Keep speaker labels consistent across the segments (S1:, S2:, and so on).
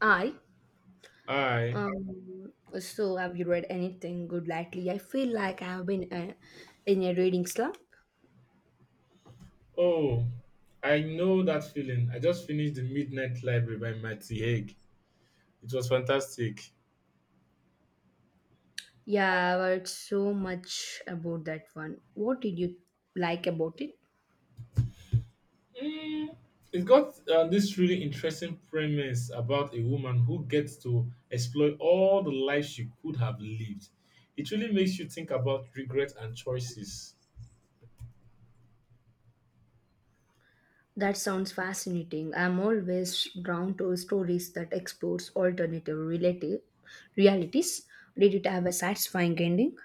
S1: I
S2: I
S1: um so have you read anything good lately? I feel like I have been in a reading slump.
S2: oh, I know that feeling. I just finished The Midnight Library by Matty Haig. It was fantastic.
S1: Yeah, I've heard so much about that one. What did you like about it?
S2: Mm, it got this really interesting premise about a woman who gets to explore all the life she could have lived. It really makes you think about regret and choices.
S1: That sounds fascinating. I'm always drawn to stories that explores alternative relative realities. Did it have a satisfying ending?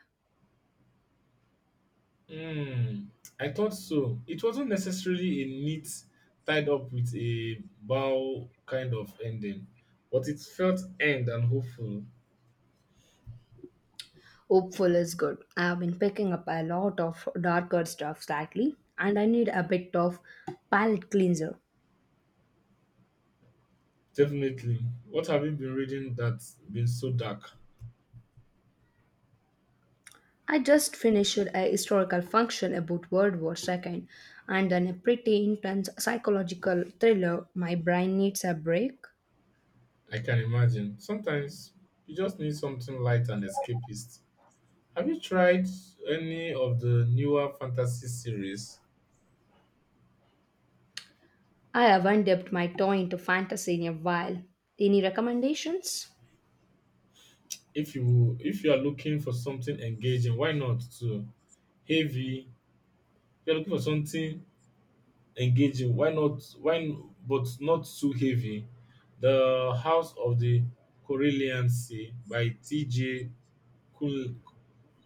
S2: Mm, I thought so. It wasn't necessarily a neat, tied up with a bow kind of ending, but it felt end and hopeful.
S1: Hopeful is good. I've been picking up a lot of darker stuff lately, and I need a bit of palate cleanser.
S2: Definitely. What have you been reading that's been so dark?
S1: I just finished a historical function about World War II and then a pretty intense psychological thriller. My brain needs a break.
S2: I can imagine. Sometimes you just need something light and escapist. Have you tried any of the newer fantasy series?
S1: I haven't dipped my toe into fantasy in a while. Any recommendations?
S2: If you are looking for something engaging, why not to heavy? If you're looking for something engaging, why not why n- but not too heavy? The House of the Corellian Sea by T.J.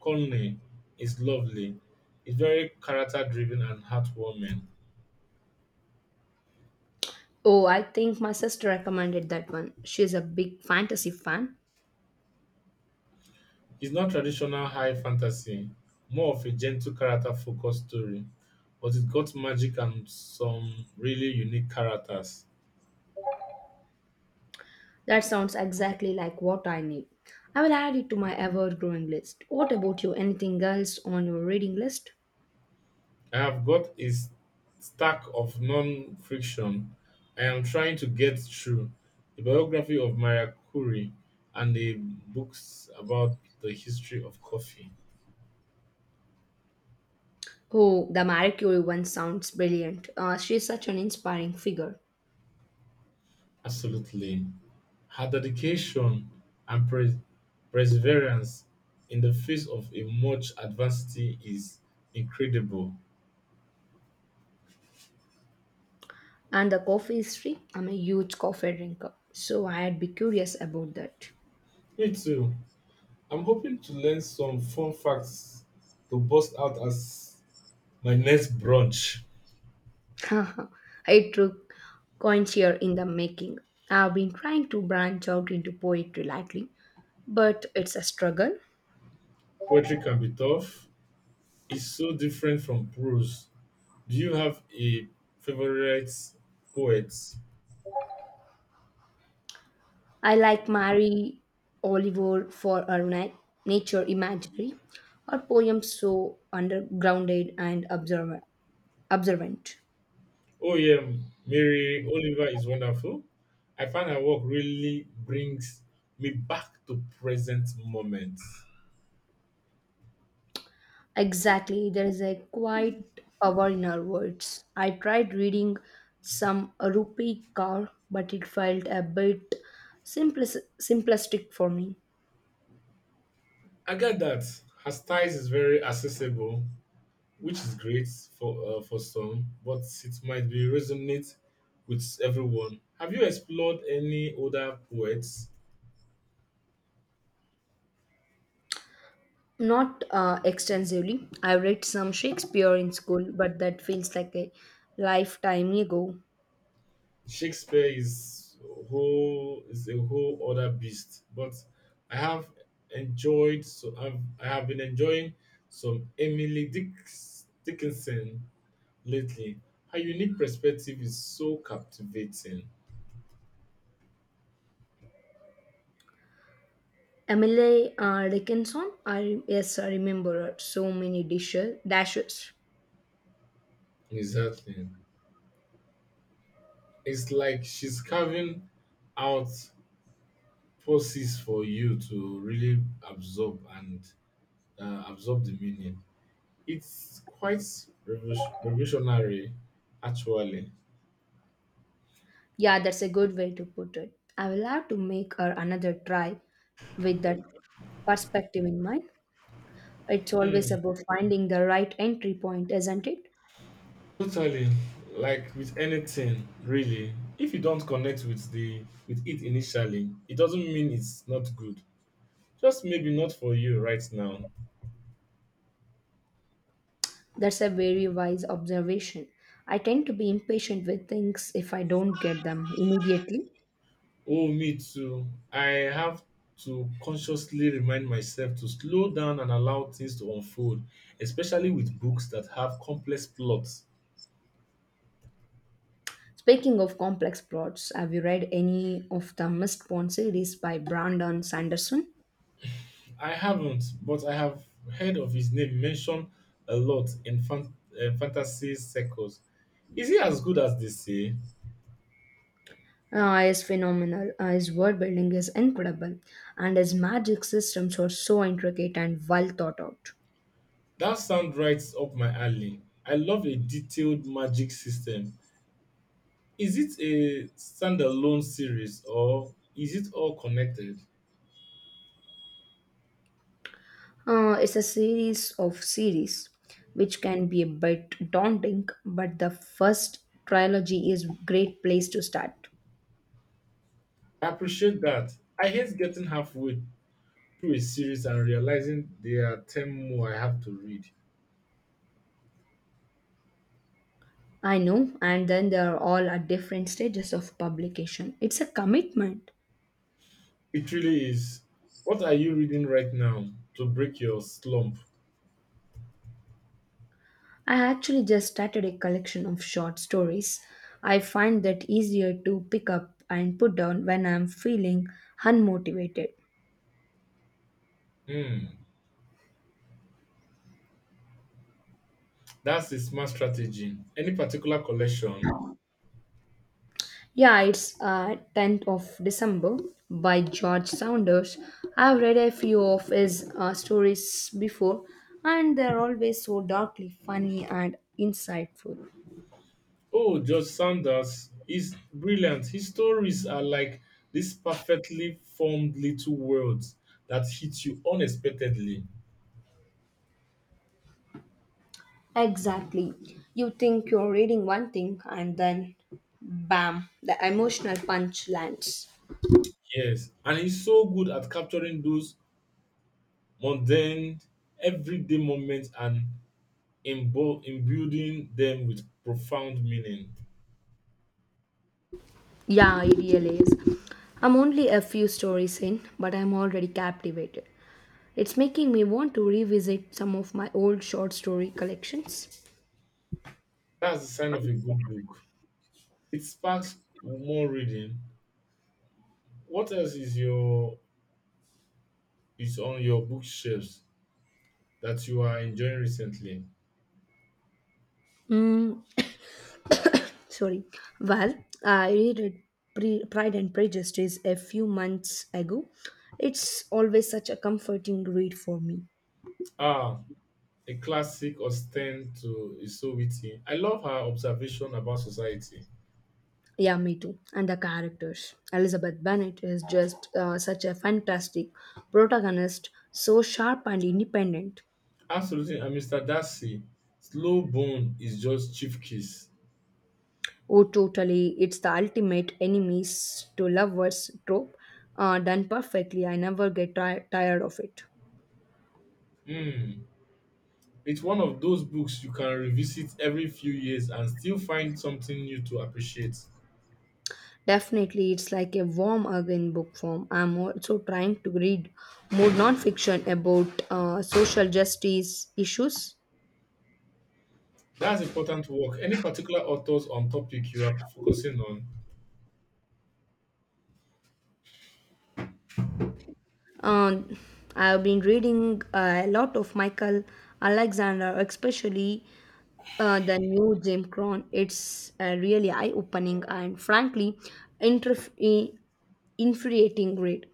S2: Conley is lovely. It's very character driven and heartwarming.
S1: Oh, I think my sister recommended that one. She's a big fantasy fan.
S2: It's not traditional high fantasy, more of a gentle character focused story, but it got magic and some really unique characters.
S1: That sounds exactly like what I need. I will add it to my ever growing list. What about you? Anything else on your reading list?
S2: I have got a stack of non fiction I am trying to get through a biography of Maria Curie and the books about the history of coffee.
S1: Oh, the Marie Curie one sounds brilliant. She's such an inspiring figure.
S2: Absolutely. Her dedication and perseverance in the face of a much adversity is incredible.
S1: And the coffee is free. I'm a huge coffee drinker. So I'd be curious about that.
S2: Me too. I'm hoping to learn some fun facts to bust out as my next brunch.
S1: I took coins here in the making. I've been trying to branch out into poetry lately, but it's a struggle.
S2: Poetry can be tough. It's so different from prose. Do you have a favorite poet?
S1: I like Mary Oliver for her nature imagery. Her poems so undergrounded and observant.
S2: Oh yeah, Mary Oliver is wonderful. I find her work really brings me back to present moment.
S1: Exactly, there is a quiet power in our words. I tried reading some Rupi Kaur, but it felt a bit simplistic for me.
S2: I get that her style is very accessible, which is great for some, but it might be resonate with everyone. Have you explored any older poets?
S1: Not extensively. I read some Shakespeare in school, but that feels like a lifetime ago.
S2: Shakespeare is a whole other beast. But I have enjoyed so I've I have been enjoying some Emily Dickinson lately. Her unique perspective is so captivating.
S1: Emily Dickinson, I yes, I remember her. So many dishes, dashes.
S2: Exactly. It's like she's carving out forces for you to really absorb and absorb the meaning. It's quite revolutionary, actually.
S1: Yeah, that's a good way to put it. I will have to make her another try with that perspective in mind. It's always about finding the right entry point, isn't it?
S2: Totally. Like with anything, really. If you don't connect with it initially, it doesn't mean it's not good. Just maybe not for you right now.
S1: That's a very wise observation. I tend to be impatient with things if I don't get them immediately.
S2: Oh, me too. I have to consciously remind myself to slow down and allow things to unfold, especially with books that have complex plots.
S1: Speaking of complex plots, have you read any of the Mist Pond series by Brandon Sanderson?
S2: I haven't, but I have heard of his name mentioned a lot in fantasy circles. Is he as good as they say?
S1: Ah, is phenomenal. Ah, his world building is incredible, and his magic systems are so intricate and well thought out.
S2: That sound right up my alley. I love a detailed magic system. Is it a standalone series or is it all connected?
S1: It's a series of series, which can be a bit daunting, but the first trilogy is great place to start.
S2: I appreciate that. I hate getting halfway through a series and realizing there are 10 more I have to read.
S1: I know, and then they're all at different stages of publication. It's a commitment.
S2: It really is. What are you reading right now to break your slump?
S1: I actually just started a collection of short stories. I find that easier to pick up and put down when I'm feeling unmotivated.
S2: Hmm, that's a smart strategy. Any particular collection?
S1: Yeah, it's 10th of December by George Saunders. I've read a few of his stories before, and they're always so darkly funny and insightful.
S2: Oh, George Sanders is brilliant. His stories are like these perfectly formed little worlds that hit you unexpectedly.
S1: Exactly. You think you're reading one thing, and then bam, the emotional punch lands.
S2: Yes, and he's so good at capturing those mundane, everyday moments and imbuing them with profound meaning.
S1: Yeah, it really is. I'm only a few stories in, but I'm already captivated. It's making me want to revisit some of my old short story collections.
S2: That's the sign of a good book. It sparks more reading. What else is on your bookshelves that you are enjoying recently?
S1: Mm, sorry, well, I read pride and prejudice a few months ago. It's always such a comforting read for me.
S2: Ah, a classic Austen to is so witty. I love her observation about society.
S1: Yeah, me too, and the characters, Elizabeth Bennet is just such a fantastic protagonist, so sharp and independent.
S2: Absolutely, and Mr. Darcy, Slow Bone is just chief kiss.
S1: Oh totally, it's the ultimate enemies to lovers trope, done perfectly. I never get tired of it.
S2: Mm. It's one of those books you can revisit every few years and still find something new to appreciate.
S1: Definitely, it's like a warm hug in book form. I'm also trying to read more non-fiction about social justice issues.
S2: That's important work. Any particular authors on topic you are focusing on?
S1: Um, I've been reading a lot of Michael Alexander, especially the new Jim Crow. It's really eye-opening and frankly, interf- i- infuriating read.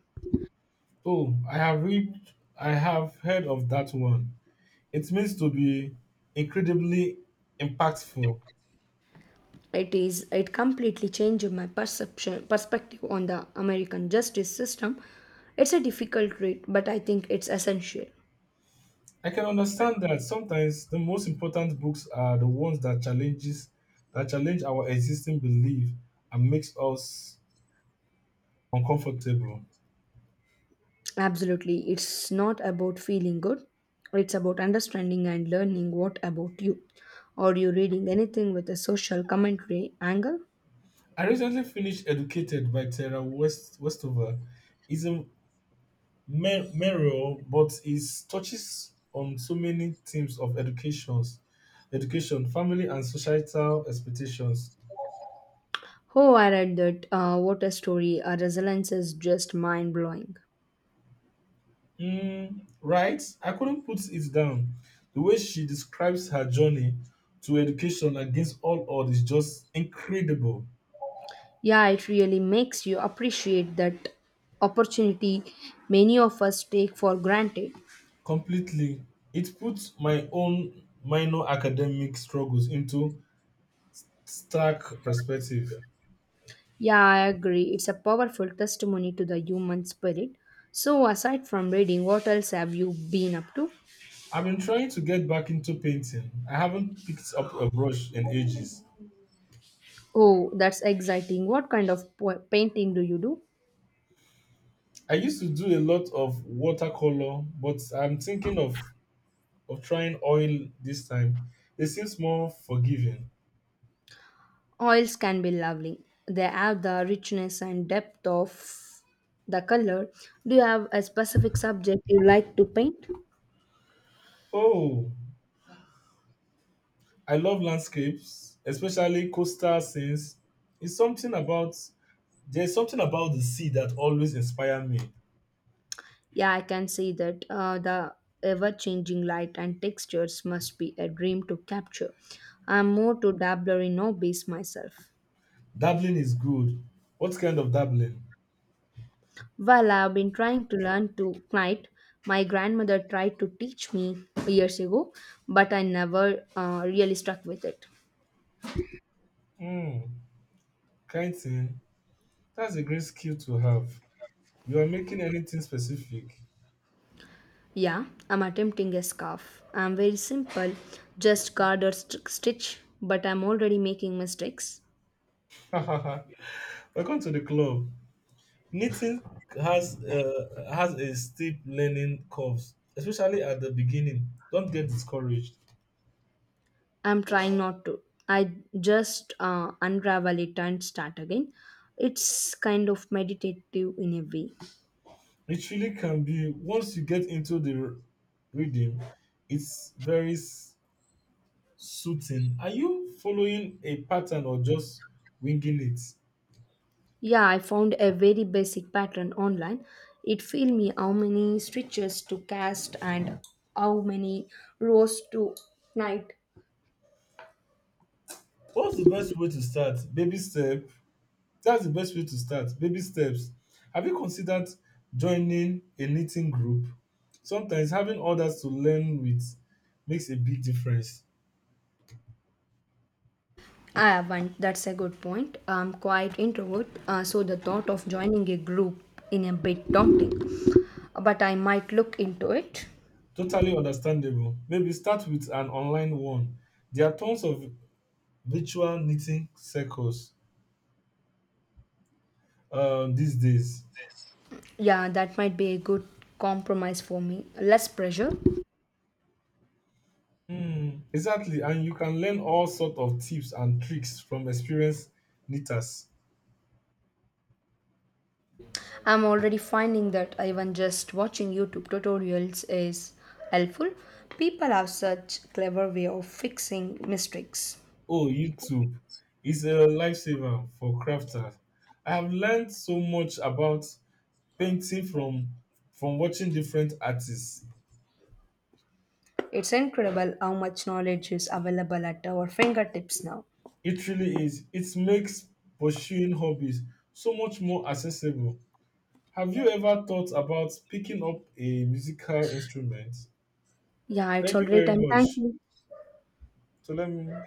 S2: Oh, I have heard of that one. It means to be incredibly impactful.
S1: It is, it completely changed my perception perspective on the American justice system. It's a difficult read, but I think it's essential.
S2: I can understand that sometimes the most important books are the ones that challenge our existing belief and makes us uncomfortable.
S1: Absolutely, it's not about feeling good, it's about understanding and learning. What about you, are you reading anything with a social commentary angle?
S2: I recently finished Educated by Tara Westover. It's a memoir, but it touches on so many themes of education, family and societal expectations.
S1: Oh, I read that. What a story, a resilience is just mind-blowing.
S2: Mm, right? I couldn't put it down. The way she describes her journey to education against all odds is just incredible.
S1: Yeah, it really makes you appreciate that opportunity many of us take for granted.
S2: Completely. It puts my own minor academic struggles into stark perspective.
S1: Yeah, I agree. It's a powerful testimony to the human spirit. So, aside from reading, what else have you been up to?
S2: I've been trying to get back into painting. I haven't picked up a brush in ages.
S1: Oh, that's exciting. What kind of painting do you do?
S2: I used to do a lot of watercolor, but I'm thinking of trying oil this time. It seems more forgiving.
S1: Oils can be lovely. They have the richness and depth of the color. Do you have a specific subject you like to paint?
S2: Oh, I love landscapes, especially coastal scenes. It's something about there's something about the sea that always inspire me.
S1: Yeah, I can see that. The ever changing light and textures must be a dream to capture. I'm more to dabbler in hobbies myself.
S2: Dabbling is good. What kind of dabbling?
S1: Well, I've been trying to learn to knit. My grandmother tried to teach me years ago, but I never really stuck with it.
S2: Hmm, kiting. That's a great skill to have. You are making anything specific.
S1: Yeah, I'm attempting a scarf. I'm very simple, just garter stitch, but I'm already making mistakes.
S2: Welcome to the club. Knitting has a steep learning curve, especially at the beginning. Don't get discouraged.
S1: I'm trying not to. I just unravel it and start again. It's kind of meditative in a way.
S2: It really can be. Once you get into the rhythm, it's very soothing. Are you following a pattern or just winging it?
S1: Yeah, I found a very basic pattern online. It filled me how many stitches to cast and how many rows to knit.
S2: What's the best way to start? Baby step. That's the best way to start. Baby steps. Have you considered joining a knitting group? Sometimes having others to learn with makes a big difference.
S1: I haven't. That's a good point. I'm quite introvert, so the thought of joining a group in a bit daunting. But I might look into it.
S2: Totally understandable. Maybe start with an online one. There are tons of virtual knitting circles these days.
S1: Yeah, that might be a good compromise for me. Less pressure,
S2: Hmm. Exactly, and you can learn all sorts of tips and tricks from experienced knitters.
S1: I'm already finding that even just watching YouTube tutorials is helpful. People have such clever way of fixing mistakes.
S2: Oh, YouTube is a lifesaver for crafters. I have learned so much about painting from watching different artists.
S1: It's incredible how much knowledge is available at our fingertips now.
S2: It really is. It makes pursuing hobbies so much more accessible. Have you ever thought about picking up a musical instrument?
S1: Yeah, it's
S2: Thank you
S1: already
S2: very
S1: time. Thank
S2: much.
S1: you.
S2: So let me